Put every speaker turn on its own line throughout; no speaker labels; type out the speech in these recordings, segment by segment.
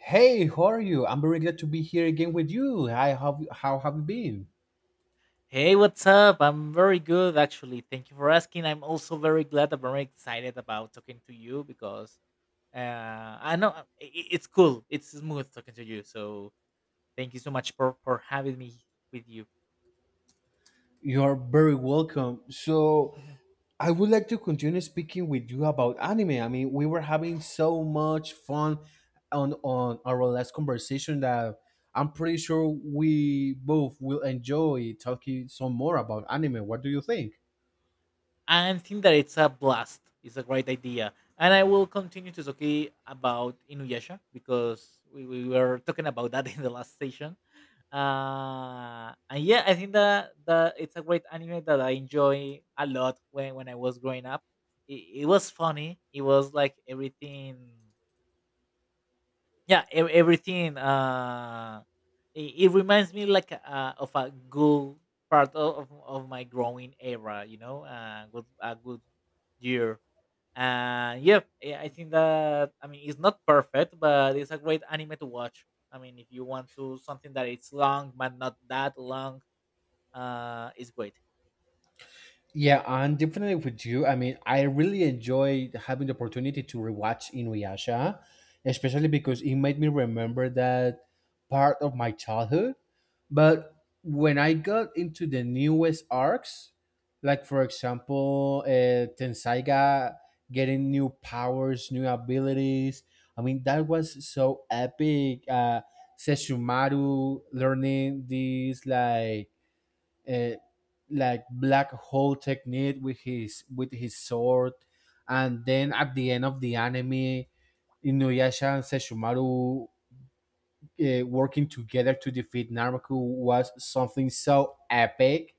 Hey, how are you? I'm very glad to be here again with you. Hi, how have you been?
Hey, what's up? I'm very good, actually. Thank you for asking. I'm also very glad. I'm very excited about talking to you because I know it's cool. It's smooth talking to you. So thank you so much for having me with you.
You're very welcome. So, I would like to continue speaking with you about anime. I mean, we were having so much fun on our last conversation that I'm pretty sure we both will enjoy talking some more about anime. What do you think?
And think that it's a blast. It's a great idea, and I will continue to talk about Inuyasha because we were talking about that in the last session. And yeah, I think that it's a great anime that I enjoy a lot when I was growing up. It was funny. It was like everything it reminds me like of a good part of my growing era, you know, good, a good year. And yeah, I think that, I mean, it's not perfect, but it's a great anime to watch. I mean, if you want to something that it's long but not that long, it's great.
Yeah, I'm definitely with you. I mean, I really enjoyed having the opportunity to rewatch Inuyasha, especially because it made me remember that part of my childhood. But when I got into the newest arcs, like for example, Tensaiga getting new powers, new abilities, I mean, that was so epic. Seshumaru learning these uh, like black hole technique with his sword, and then at the end of the anime, Inuyasha and Sesshomaru working together to defeat Naraku was something so epic.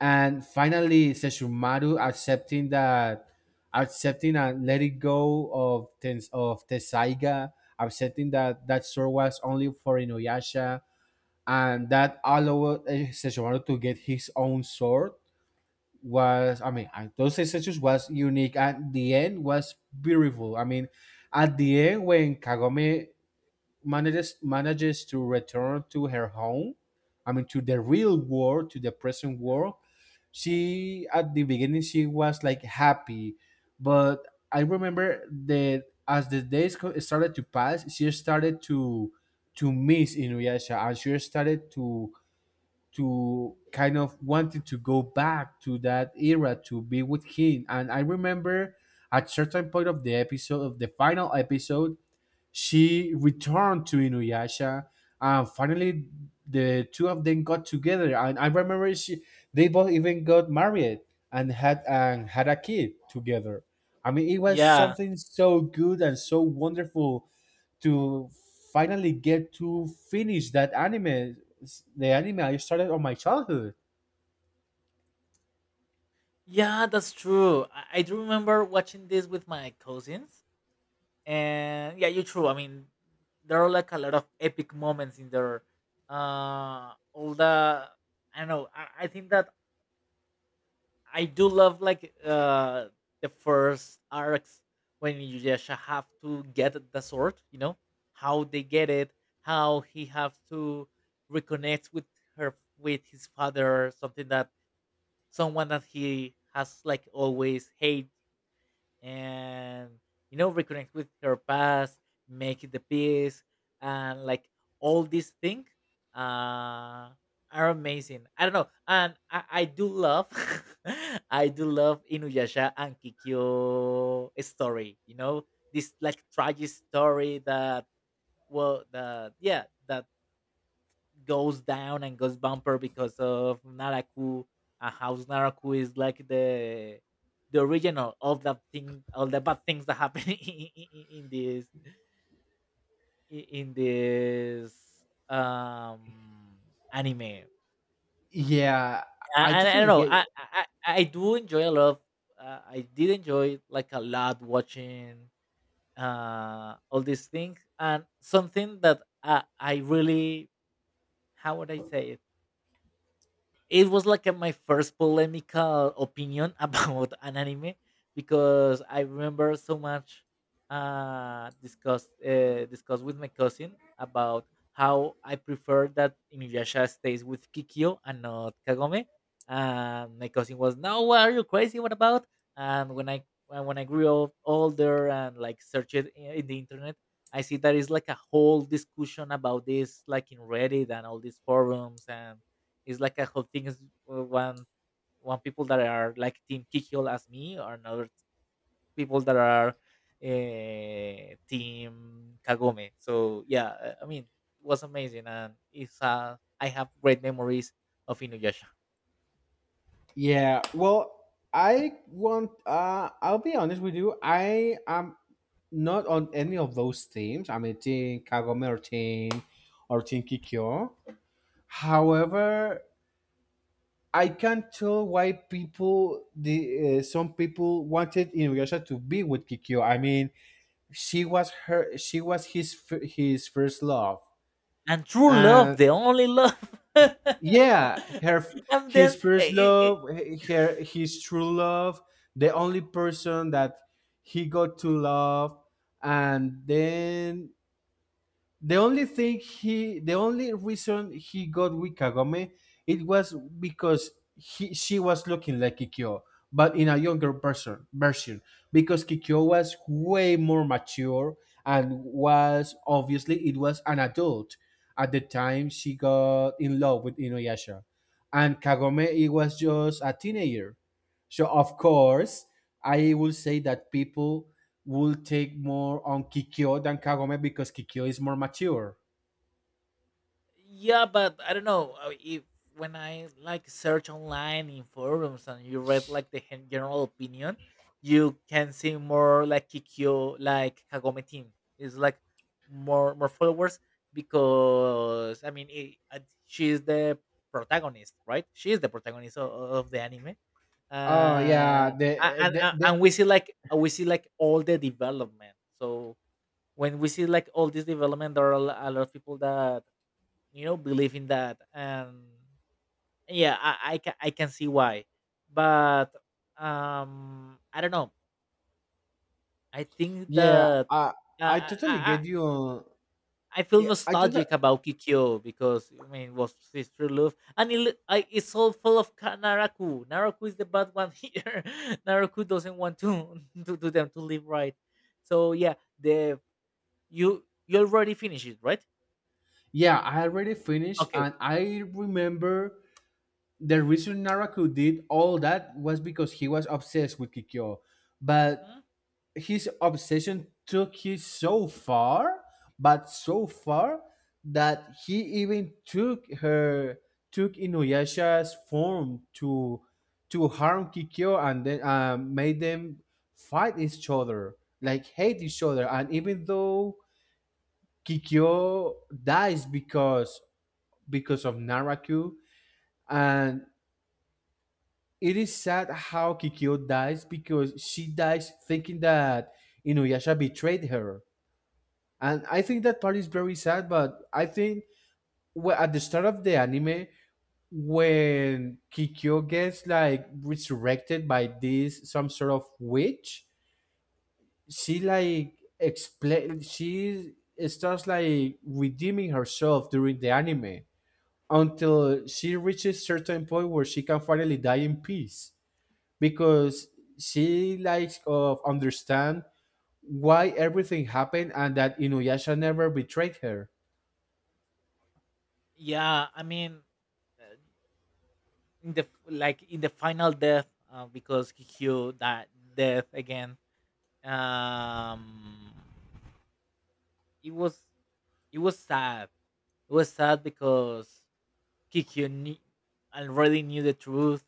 And finally, Sesshomaru accepting that, accepting and letting go of Tens of Tesaiga, accepting that that sword was only for Inuyasha, and that allowed Sesshomaru to get his own sword was I mean, those executions was unique. At the end was beautiful. I mean, at the end when Kagome manages to return to her home, I mean to the real world, to the present world, she at the beginning she was like happy, but I remember that as the days started to pass she started to miss Inuyasha, and she started to kind of wanted to go back to that era to be with him. And I remember at certain point of the episode of the final episode, she returned to Inuyasha, and finally, the two of them got together. And I remember she, they both even got married and had a kid together. I mean, it was
Yeah,
something so good and so wonderful to finally get to finish that anime, the anime I started on my childhood.
yeah, that's true. I do remember watching this with my cousins. And yeah, you're true, I mean, there are like a lot of epic moments in there. All the I don't know, I think that I do love like the first arcs, when you just have to get the sword, you know, how they get it, how he have to reconnect with her, with his father, something that someone that he has like always hated. And, you know, reconnect with her past, make the peace, and like all these things uh are amazing. I don't know. And I do love I do love Inuyasha and Kikyo story, you know, this like tragic story that, well the yeah that goes down and goes bumper because of Naraku. And how Naraku is like the original of all the thing, all the bad things that happen in this in this um anime. And
Yeah, I
I don't
totally
know.
get.
I do enjoy a lot. I did enjoy like a lot watching all these things. And something that I really, how would I say it? It was like a, my first polemical opinion about an anime, because I remember so much discussed with my cousin about how I prefer that Inuyasha stays with Kikyo and not Kagome. And my cousin was, "No, what are you crazy? What about?" And when I grew up older and like searched it in the internet, I see that is like a whole discussion about this, like in Reddit and all these forums. And it's like a whole thing is uh, one one people that are like team Kikyo as me, or another people that are team Kagome. So yeah, I mean, it was amazing, and it's I have great memories of Inuyasha.
Yeah, well, I want. I'll be honest with you. I am not on any of those teams. I mean, Team Kagome or Team Kikyo. However, I can't tell why people, the some people wanted Inuyasha to be with Kikyo. I mean, she was his his first love,
And true love,
and
the only love.
yeah, her
And then
his first love, her his true love, the only person that he got to love, and then the only thing he, the only reason he got with Kagome, it was because he, she was looking like Kikyo, but in a younger person version, because Kikyo was way more mature and was obviously it was an adult at the time she got in love with Inuyasha, and Kagome it was just a teenager. So of course, I will say that people will take more on Kikyo than Kagome because Kikyo is more mature.
yeah, but I don't know, if when I like search online in forums and you read like the hen- general opinion, you can see more like Kikyo, like Kagome team. It's like more followers, because I mean it, she the protagonist, right? She is the protagonist of the anime.
Oh yeah,
uh,
the the,
and
the
we see like all the development. So when we see like all this development, there are a lot of people that, you know, believe in that. And yeah, I can see why, but I don't know, I think
Yeah,
that uh,
I
I, I
totally get
i
you.
I feel
Yeah, I just.
nostalgic about Kikyo, because I mean, it was his true love. And it, it's all full of Naraku. Naraku is the bad one here. Naraku doesn't want to to them to live, right? So yeah, the you you already finished it, right?
Yeah, I already finished,
Okay.
and I remember the reason Naraku did all that was because he was obsessed with Kikyo. But
Mhm.
his obsession took you so far, but so far that he even took her took Inuyasha's form to harm Kikyo and then made them fight each other, like hate each other. And even though Kikyo dies because of Naraku, and it is sad how Kikyo dies because she dies thinking that Inuyasha betrayed her, and I think that part is very sad. But I think at the start of the anime, when Kikyo gets like resurrected by this some sort of witch, she starts like redeeming herself during the anime until she reaches certain point where she can finally die in peace because she likes of understand why everything happened and that Inuyasha never betrayed her.
Yeah, I mean, in the like in the final death, because Kikyo that death again. Um, it was, it was sad. It was sad because Kikyo knew, already knew the truth,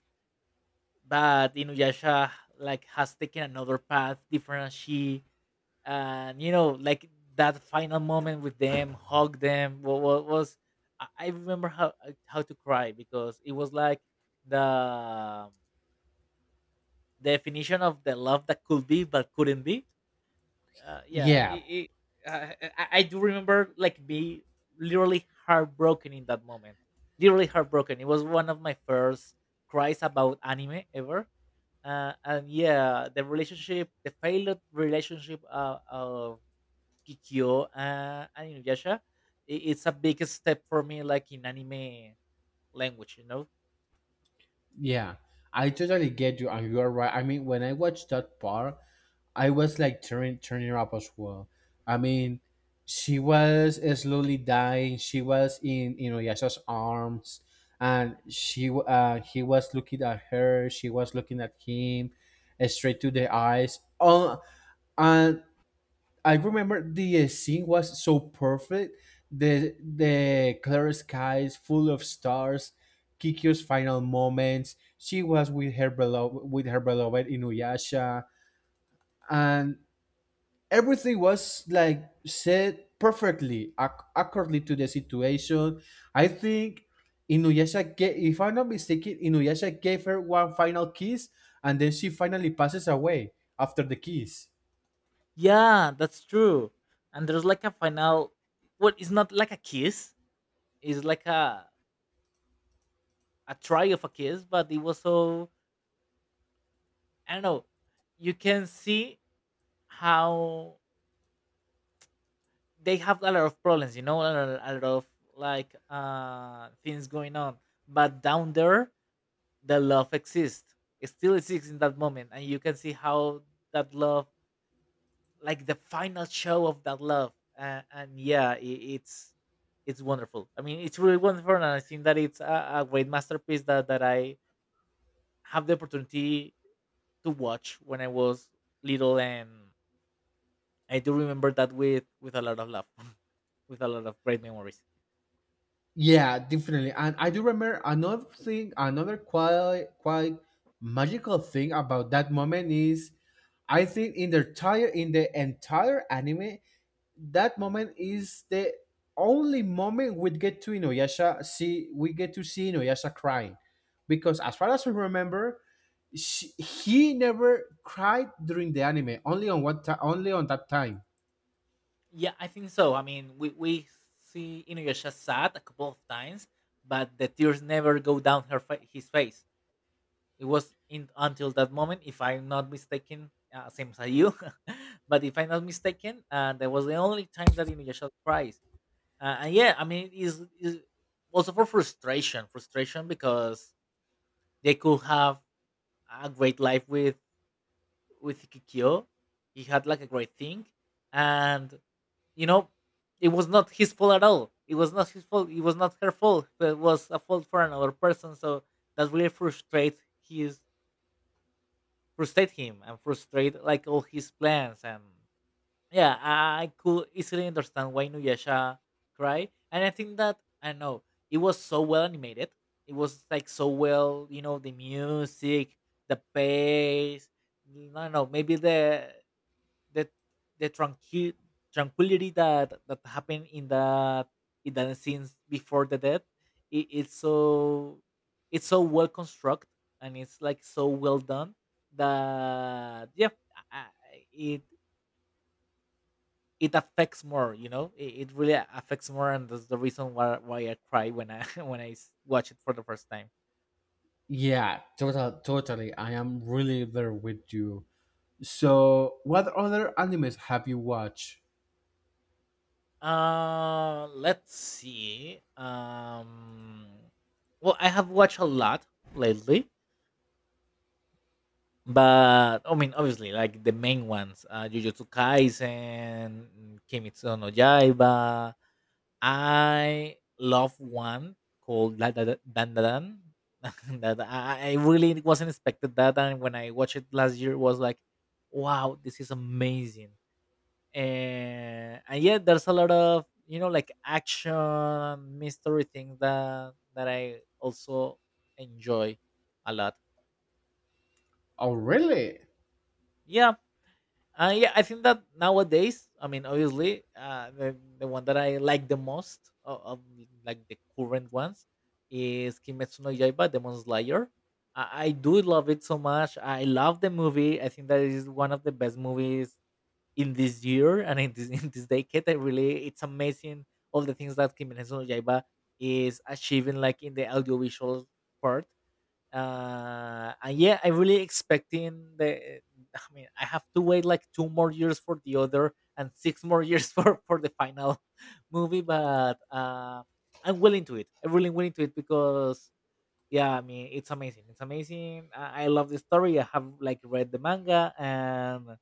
but Inuyasha like has taken another path different as she. And you know, like that final moment with them, hug them. What was, I remember how to cry, because it was like the definition of the love that could be but couldn't be. Uh, yeah,
Yeah,
it, it, I do remember like be literally heartbroken in that moment. Literally heartbroken. It was one of my first cries about anime ever. And yeah, the relationship, the failed relationship of Kikyo and Inuyasha, I it's a big step for me, like in anime language, you know?
yeah, I totally get you, and you are right. I mean, when I watched that part, I was like turning up as well. I mean, she was slowly dying. She was in you know Yasha's arms, and he was looking at her. She was looking at him, straight to the eyes. Oh, and I remember the scene was so perfect. The clear skies, full of stars, Kikyo's final moments. She was with her beloved Inuyasha, and everything was like said perfectly, accurately to the situation. I think Inuyasha, if I'm not mistaken, Inuyasha gave her one final kiss, and then she finally passes away after the kiss.
Yeah, that's true. And there's like a final, well, it's not like a kiss. It's like a try of a kiss, but it was so, I don't know. You can see how they have a lot of problems, you know, a lot of like things going on. But down there, the love exists. It still exists in that moment, and you can see how that love, like the final show of that love. And yeah, I it's wonderful. I mean, it's really wonderful. And I think that it's a great masterpiece that I have the opportunity to watch when I was little. And I do remember that with a lot of love, with a lot of great memories.
Yeah, definitely. And I do remember another thing, another quite magical thing about that moment is I think in the entire anime, that moment is the only moment we get to Inuyasha see we get to see Inuyasha crying. Because as far as we remember, he never cried during the anime, only on only on that time.
Yeah, I think so. I mean, we see Inuyasha sad a couple of times, but the tears never go down his face. It was in until that moment, if I'm not mistaken, same as you. But if I'm not mistaken, that was the only time that Inuyasha cries. And yeah, I mean, it's also for frustration, frustration, because they could have a great life with Kikyo. He had like a great thing, and, you know, it was not his fault at all. It was not his fault. It was not her fault. But it was a fault for another person. So that really frustrates his, frustrate him, and frustrate like all his plans. And yeah, I could easily understand why Nuyasha cried. And I think that, I don't know, it was so well animated. It was like so well, you know, the music, the pace. I don't know, maybe the the tranquility that that happened in that, in the scenes before the death. It's so, it's so well constructed, and it's like so well done that, yeah, I, I- it it affects more, you know, it really affects more. And that's the reason why I cry when I when I watch it for the first time.
Yeah, totally. I am really there with you. So, what other animes have you watched?
Let's see, well, I have watched a lot lately, but I mean, obviously, like the main ones, Jujutsu Kaisen, Kimetsu no Yaiba. I love one called Dan Da Dan. That I really wasn't expected that. And when I watched it last year, it was like, wow, this is amazing. And yeah, there's a lot of, you know, like action, mystery things that that I also enjoy a lot.
Oh, really?
Yeah. Yeah, I think that nowadays, I mean, obviously, the one that I like the most of like the current ones is Kimetsu no Yaiba, Demon Slayer. I do love it so much. I love the movie. I think that it is one of the best movies in this year and in this in this decade. I really, it's amazing all the things that Kimetsu no Yaiba is achieving, like in the audiovisual part. And yeah, I'm really expecting the, I mean, I have to wait like two more years for the other and six more years for the final movie. But I'm willing to it. I'm really willing to it, because yeah, I mean, it's amazing, it's amazing. I love the story. I have like read the manga, and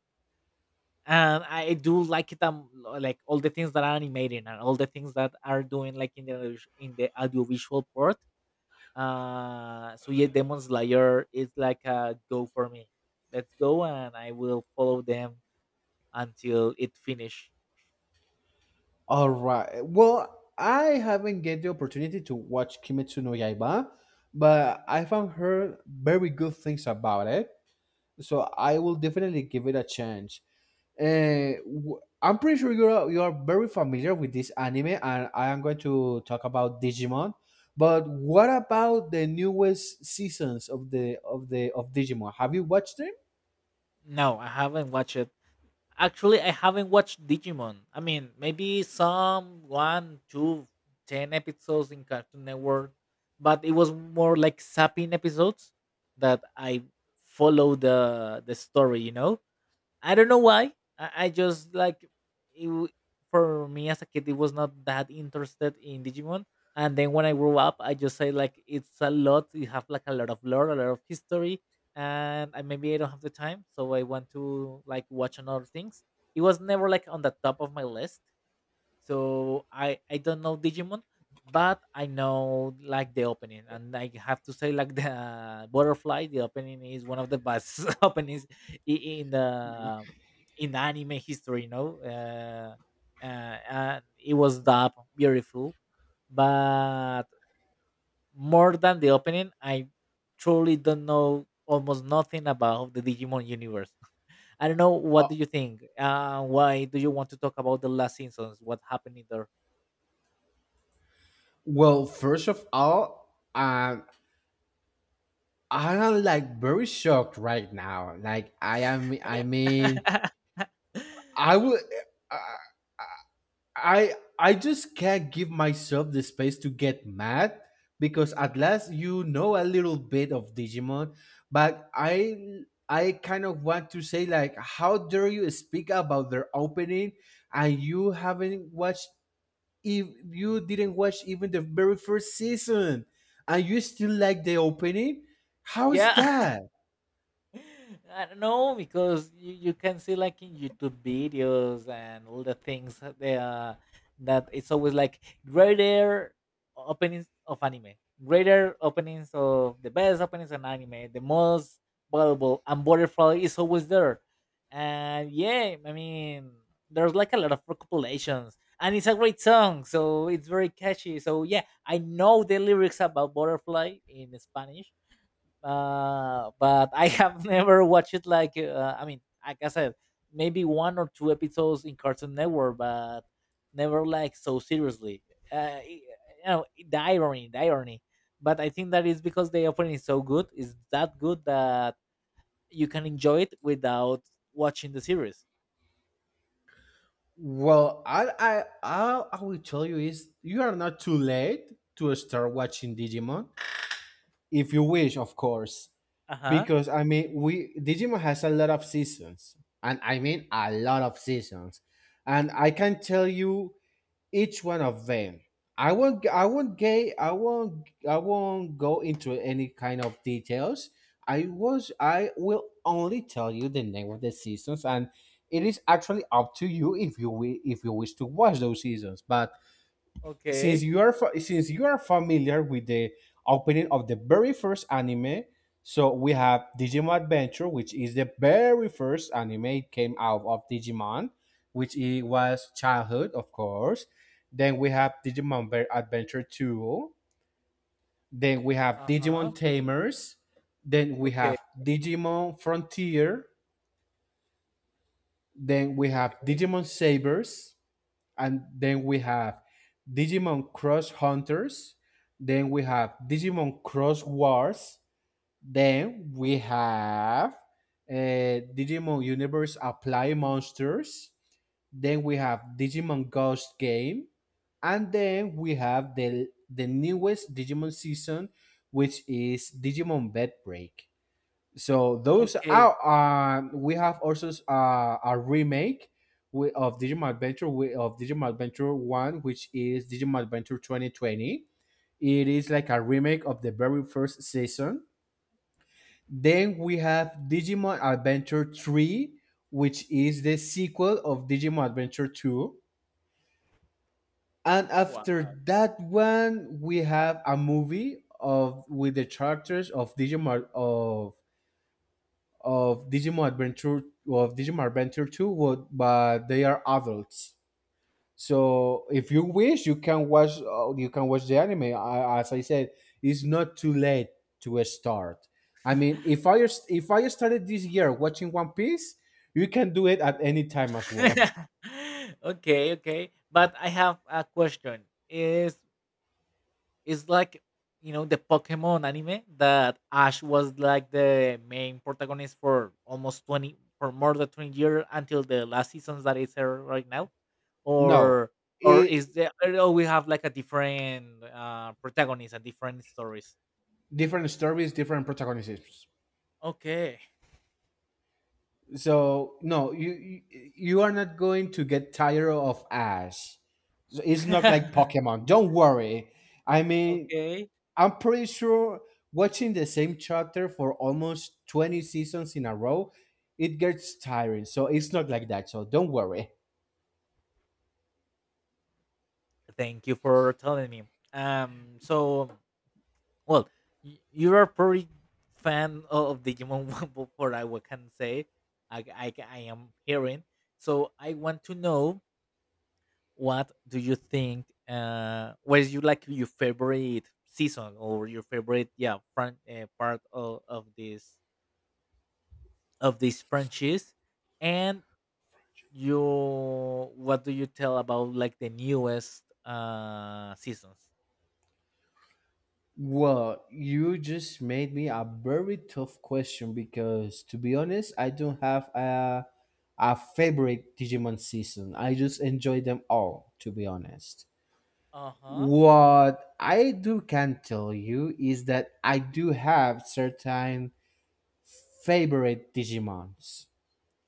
I do like it. Like all the things that are animating and all the things that are doing, like in the in the audiovisual part. So yeah, Demon Slayer is like a go for me. Let's go, and I will follow them until it finish.
All right. Well, I haven't get the opportunity to watch Kimetsu no Yaiba, but I found her very good things about it. So I will definitely give it a chance. And I'm pretty sure you are very familiar with this anime, and I am going to talk about Digimon. But what about the newest seasons of the of the of Digimon? Have you watched them?
No, I haven't watched it. Actually, I haven't watched Digimon. I mean, maybe some one, two, ten episodes in Cartoon Network, but it was more like sapping episodes that I follow the story. You know, I don't know why. I just like it, for me as a kid, it was not that interested in Digimon. And then when I grew up, I just say like it's a lot. You have like a lot of lore, a lot of history, and maybe I don't have the time, so I want to like watch on other things. It was never like on the top of my list, so I don't know Digimon, but I know like the opening, and I have to say like the butterfly. The opening is one of the best openings in the in the anime history. And it was dubbed beautiful, but more than the opening, I truly don't know almost nothing about the Digimon universe. I don't know. What do you think? Why do you want to talk about the last seasons? What happened in there?
Well, first of all, I am like very shocked right now. Like I am. I mean, I would. I just can't give myself the space to get mad because at last you know a little bit of Digimon, but I kind of want to say like, how dare you speak about their opening and you haven't watched if you didn't watch even the very first season and you still like the opening? How's
Yeah.
that?
I don't know because you can see like in YouTube videos and all the things that they are that it's always like greater openings of anime, greater openings, of the best openings in anime, the most valuable, and butterfly is always there. And there's like a lot of recompilations and it's a great song, so it's very catchy. So yeah, I know the lyrics about butterfly in Spanish. But I have never watched it. Like I said, maybe one or two episodes in Cartoon Network, but never like so seriously. Uh, y- you know, the irony, the irony. But I think that is because the opening is so good, is that good, that you can enjoy it without watching the series.
Well, I will tell you is you are not too late to start watching Digimon if you wish, of course.
Uh huh.
Because I mean, we Digimon has a lot of seasons, and I mean a lot of seasons. And I can tell you each one of them. I won't. I won't gay. I won't. I won't go into any kind of details. I was. I will only tell you the name of the seasons, and it is actually up to you if if you wish to watch those seasons. But since
Okay.
you are since you are familiar with the opening of the very first anime, so we have Digimon Adventure, which is the very first anime it came out of Digimon, which it was childhood of course. Then we have Adventure 2, then we have
Uh huh.
Digimon Tamers, then we
Okay.
have Digimon Frontier, then we have Digimon Sabers, and then we have Digimon Cross Hunters, then we have Digimon Cross Wars, then we have Digimon Universe Apply Monsters, then we have Digimon Ghost Game, and then we have the newest Digimon season, which is Digimon Bed Break. So those
Okay.
out. We have also a remake of Digimon Adventure One, which is Digimon Adventure 2020. It is like a remake of the very first season. Then we have Digimon Adventure Three, which is the sequel of Digimon Adventure Two. And
Wow.
after that one, we have a movie of with the characters of Digimon Adventure of Digimon Adventure 2 would but they are adults. So if you wish you can watch the anime. I, as I said, it's not too late to start. I mean, if I started this year watching One Piece, you can do it at any time as well.
Okay. Okay. But I have a question. Is It's like you know the Pokemon anime that Ash was like the main protagonist for almost twenty for more than 20 years until the last seasons that is there right now,
No,
or or
it
is there, or we have like a different protagonist and different stories?
different stories, different protagonists.
Okay.
So no, you you are not going to get tired of Ash. So it's not like Pokemon. Don't worry. I mean,
Okay.
I'm pretty sure watching the same chapter for almost 20 seasons in a row, it gets tiring. So it's not like that. So don't worry.
Thank you for telling me. Um, so well you are pretty fan of Digimon, one for I what can say. I am hearing, so I want to know, what do you think, what is you like your favorite season or your favorite, yeah, part of this franchise? And you, what do you tell about like the newest seasons?
Well, you just made me a very tough question because to be honest, I don't have a favorite Digimon season. I just enjoy them all, to be honest.
Uh-huh.
What I do can tell you is that I do have certain favorite Digimons.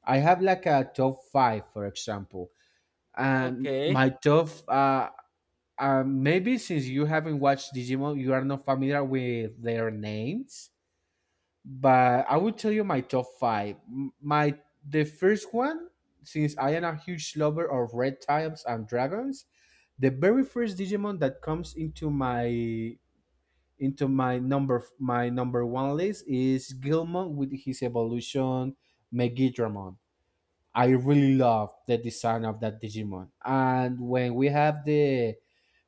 I have like a top five, for example, and
Okay.
my top. Maybe since you haven't watched Digimon, you are not familiar with their names, but I will tell you my top five. My the first one, since I am a huge lover of reptiles and dragons, the very first Digimon that comes into my number one list is Gilmon with his evolution Megidramon. I really love the design of that Digimon. And when we have the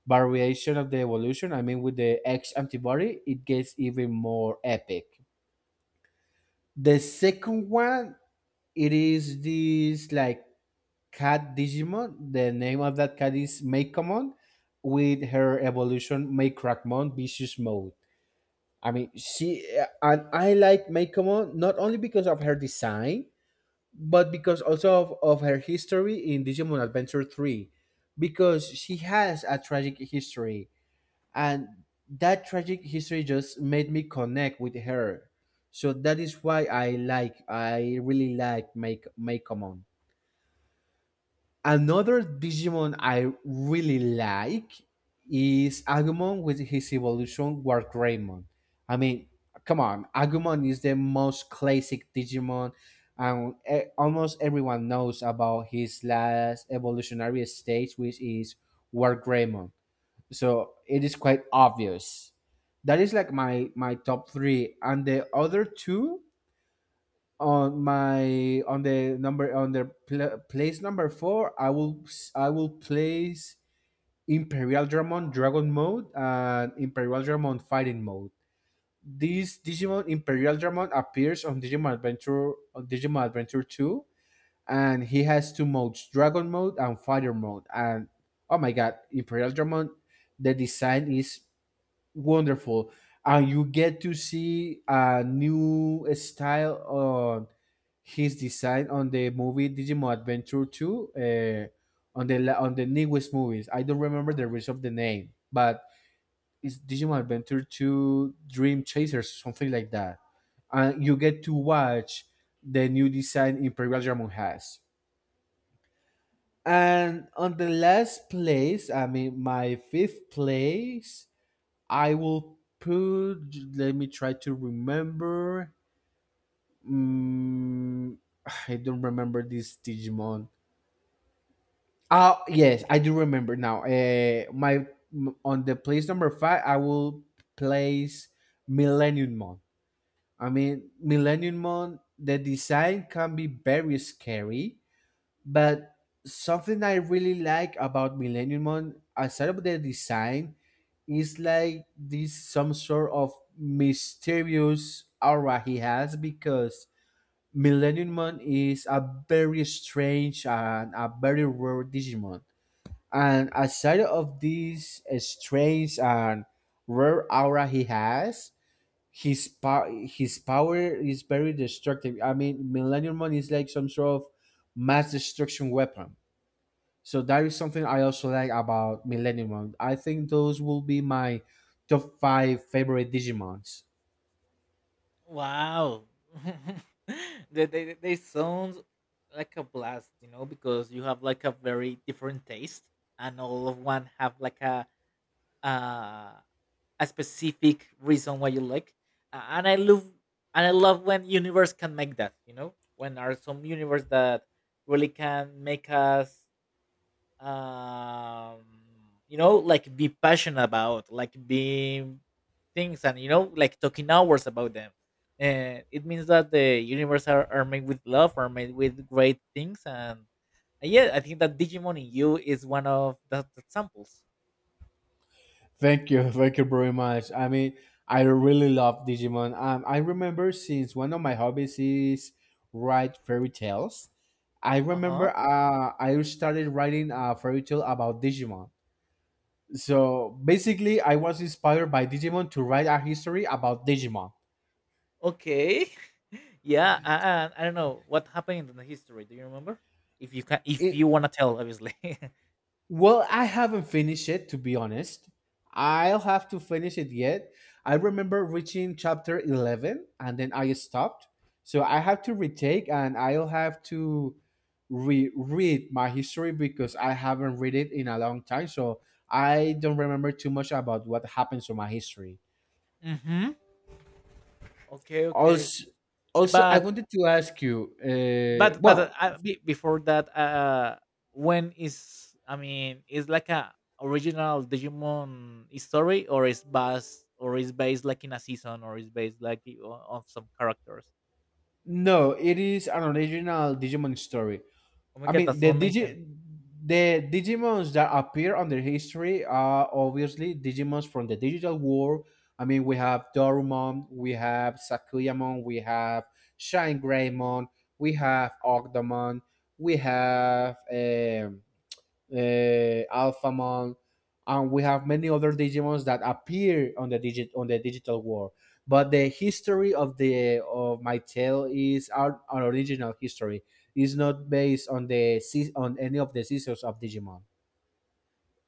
variation of the evolution, I mean with the X antibody, it gets even more epic. The second one, it is this like cat Digimon. The name of that cat is Makeamon with her evolution Make Vicious Mode. I mean, she and I like Meikomo not only because of her design, but because also of her history in Digimon Adventure 3, because she has a tragic history, and that tragic history just made me connect with her. So that is why I really like Make Meikomo. Another Digimon I really like is Agumon with his evolution Wargreymon. I mean, come on, Agumon is the most classic Digimon, and almost everyone knows about his last evolutionary stage, which is Wargreymon. So it is quite obvious. That is like my top three, and the other two on my on the number on the pl- place number four I will place Imperial Dramon Dragon Mode and Imperial Dramon Fighting Mode. This Digimon Imperial Dramon appears on Digimon Adventure 2, and he has two modes, Dragon Mode and Fighter Mode. And oh my god, Imperial Dramon, the design is wonderful, and you get to see a new style on his design on the movie Digimon Adventure 2. On the on the newest movies, I don't remember the rest of the name, but it's Digimon Adventure 2 Dream Chasers, something like that. And you get to watch the new design Imperial Dragon has. And on the last place, I mean my fifth place, I will put. Let me try to remember. Mm, I don't remember this Digimon. Oh yes, I do remember now. My m- On the place number five, I will place Millennium Mon. I mean, Millennium Mon. The design can be very scary. But something I really like about Millennium Mon, aside of the design, is like this, some sort of mysterious aura he has, because Millennium Mon is a very strange and a very rare Digimon. And aside of this strange and rare aura he has, his power is very destructive. I mean, Millennium Mon is like some sort of mass destruction weapon. So that is something I also like about Millennium. I think those will be my top five favorite Digimons.
Wow. They sound like a blast, you know, because you have like a very different taste, and all of one have like uh, a specific reason why you like. A- And I love and I love when universe can make that, you know, when are some universe that really can make us um you know like be passionate about like be things, and you know, like talking hours about them, and it means that the universe are made with love, are made with great things. And Yeah, I think that Digimon in you is one of the examples.
Thank you very much. I mean, I really love Digimon. I remember, since one of my hobbies is write fairy tales. I
Uh-huh.
remember I started writing a fairy tale about Digimon. So basically, I was inspired by Digimon to write a history about Digimon.
Okay. yeah I, I don't know what happened in the history. Do you remember? If you can, if
It
you want to tell, obviously.
Well, I haven't finished it, to be honest. I'll have to finish it yet. I remember reaching chapter 11 and then I stopped. So I have to retake and I'll have to reread my history because I haven't read it in a long time. So I don't remember too much about what happens to my history.
Mm-hmm. Okay, okay.
Also, also I
but
wanted to ask you,
but but uh,
well,
uh, be- before that, when is, I mean, is like a original Digimon story, or is based, like in a season, or is based like of some characters?
no, it is an original Digimon story.
Oh my
I
god,
mean,
that's amazing.
the Digimons that appear on the history are obviously Digimons from the digital world. I mean, we have Dorumon, we have Sakuyamon, we have Shine Greymon, we have Ogdemon, we have Alphamon, and we have many other Digimons that appear on the digital world. But the history of the of my tale is our original history. It's not based on on any of the seasons of Digimon.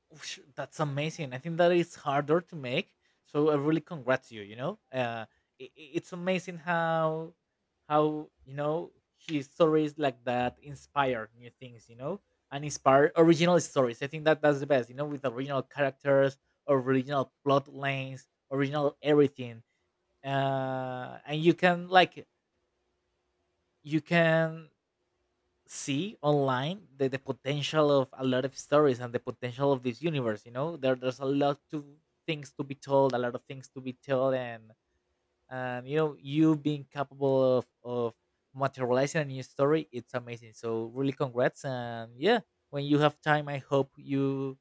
Whoosh, that's amazing. I think that is harder to make. So I really congrats you. You know, it's amazing how you know his stories like that inspire new things. You know, and inspire original stories. I think that that's the best. You know, with original characters, original plot lines, original everything. And you can like you can see online the potential of a lot of stories and the potential of this universe. You know, there's a lot to things to be told, a lot of things to be told. And you know, you being capable of materializing a new story, it's amazing. So really congrats, and yeah, when you have time, I hope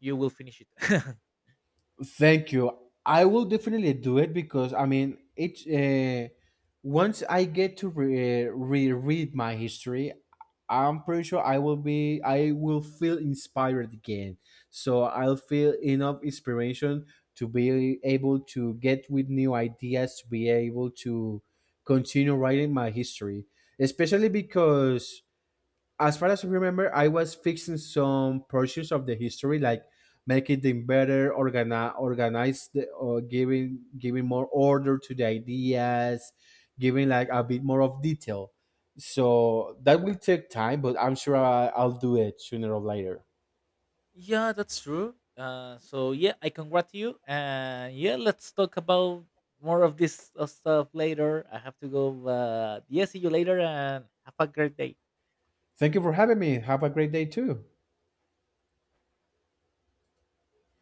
you will finish it.
Thank you. I will definitely do it because I mean, it's once I get to reread my history, I'm pretty sure I will feel inspired again. So I'll feel enough inspiration to be able to get with new ideas, to be able to continue writing my history, especially because, as far as I remember, I was fixing some portions of the history, like making them better, organize the, or giving more order to the ideas, giving like a bit more of detail. So that will take time, but I'm sure I'll do it sooner or later.
Yeah, that's true. Yeah, I congrat you, and yeah, let's talk about more of this stuff later. I have to go. Yeah, see you later, and have a great day.
Thank you for having me. Have a great day too.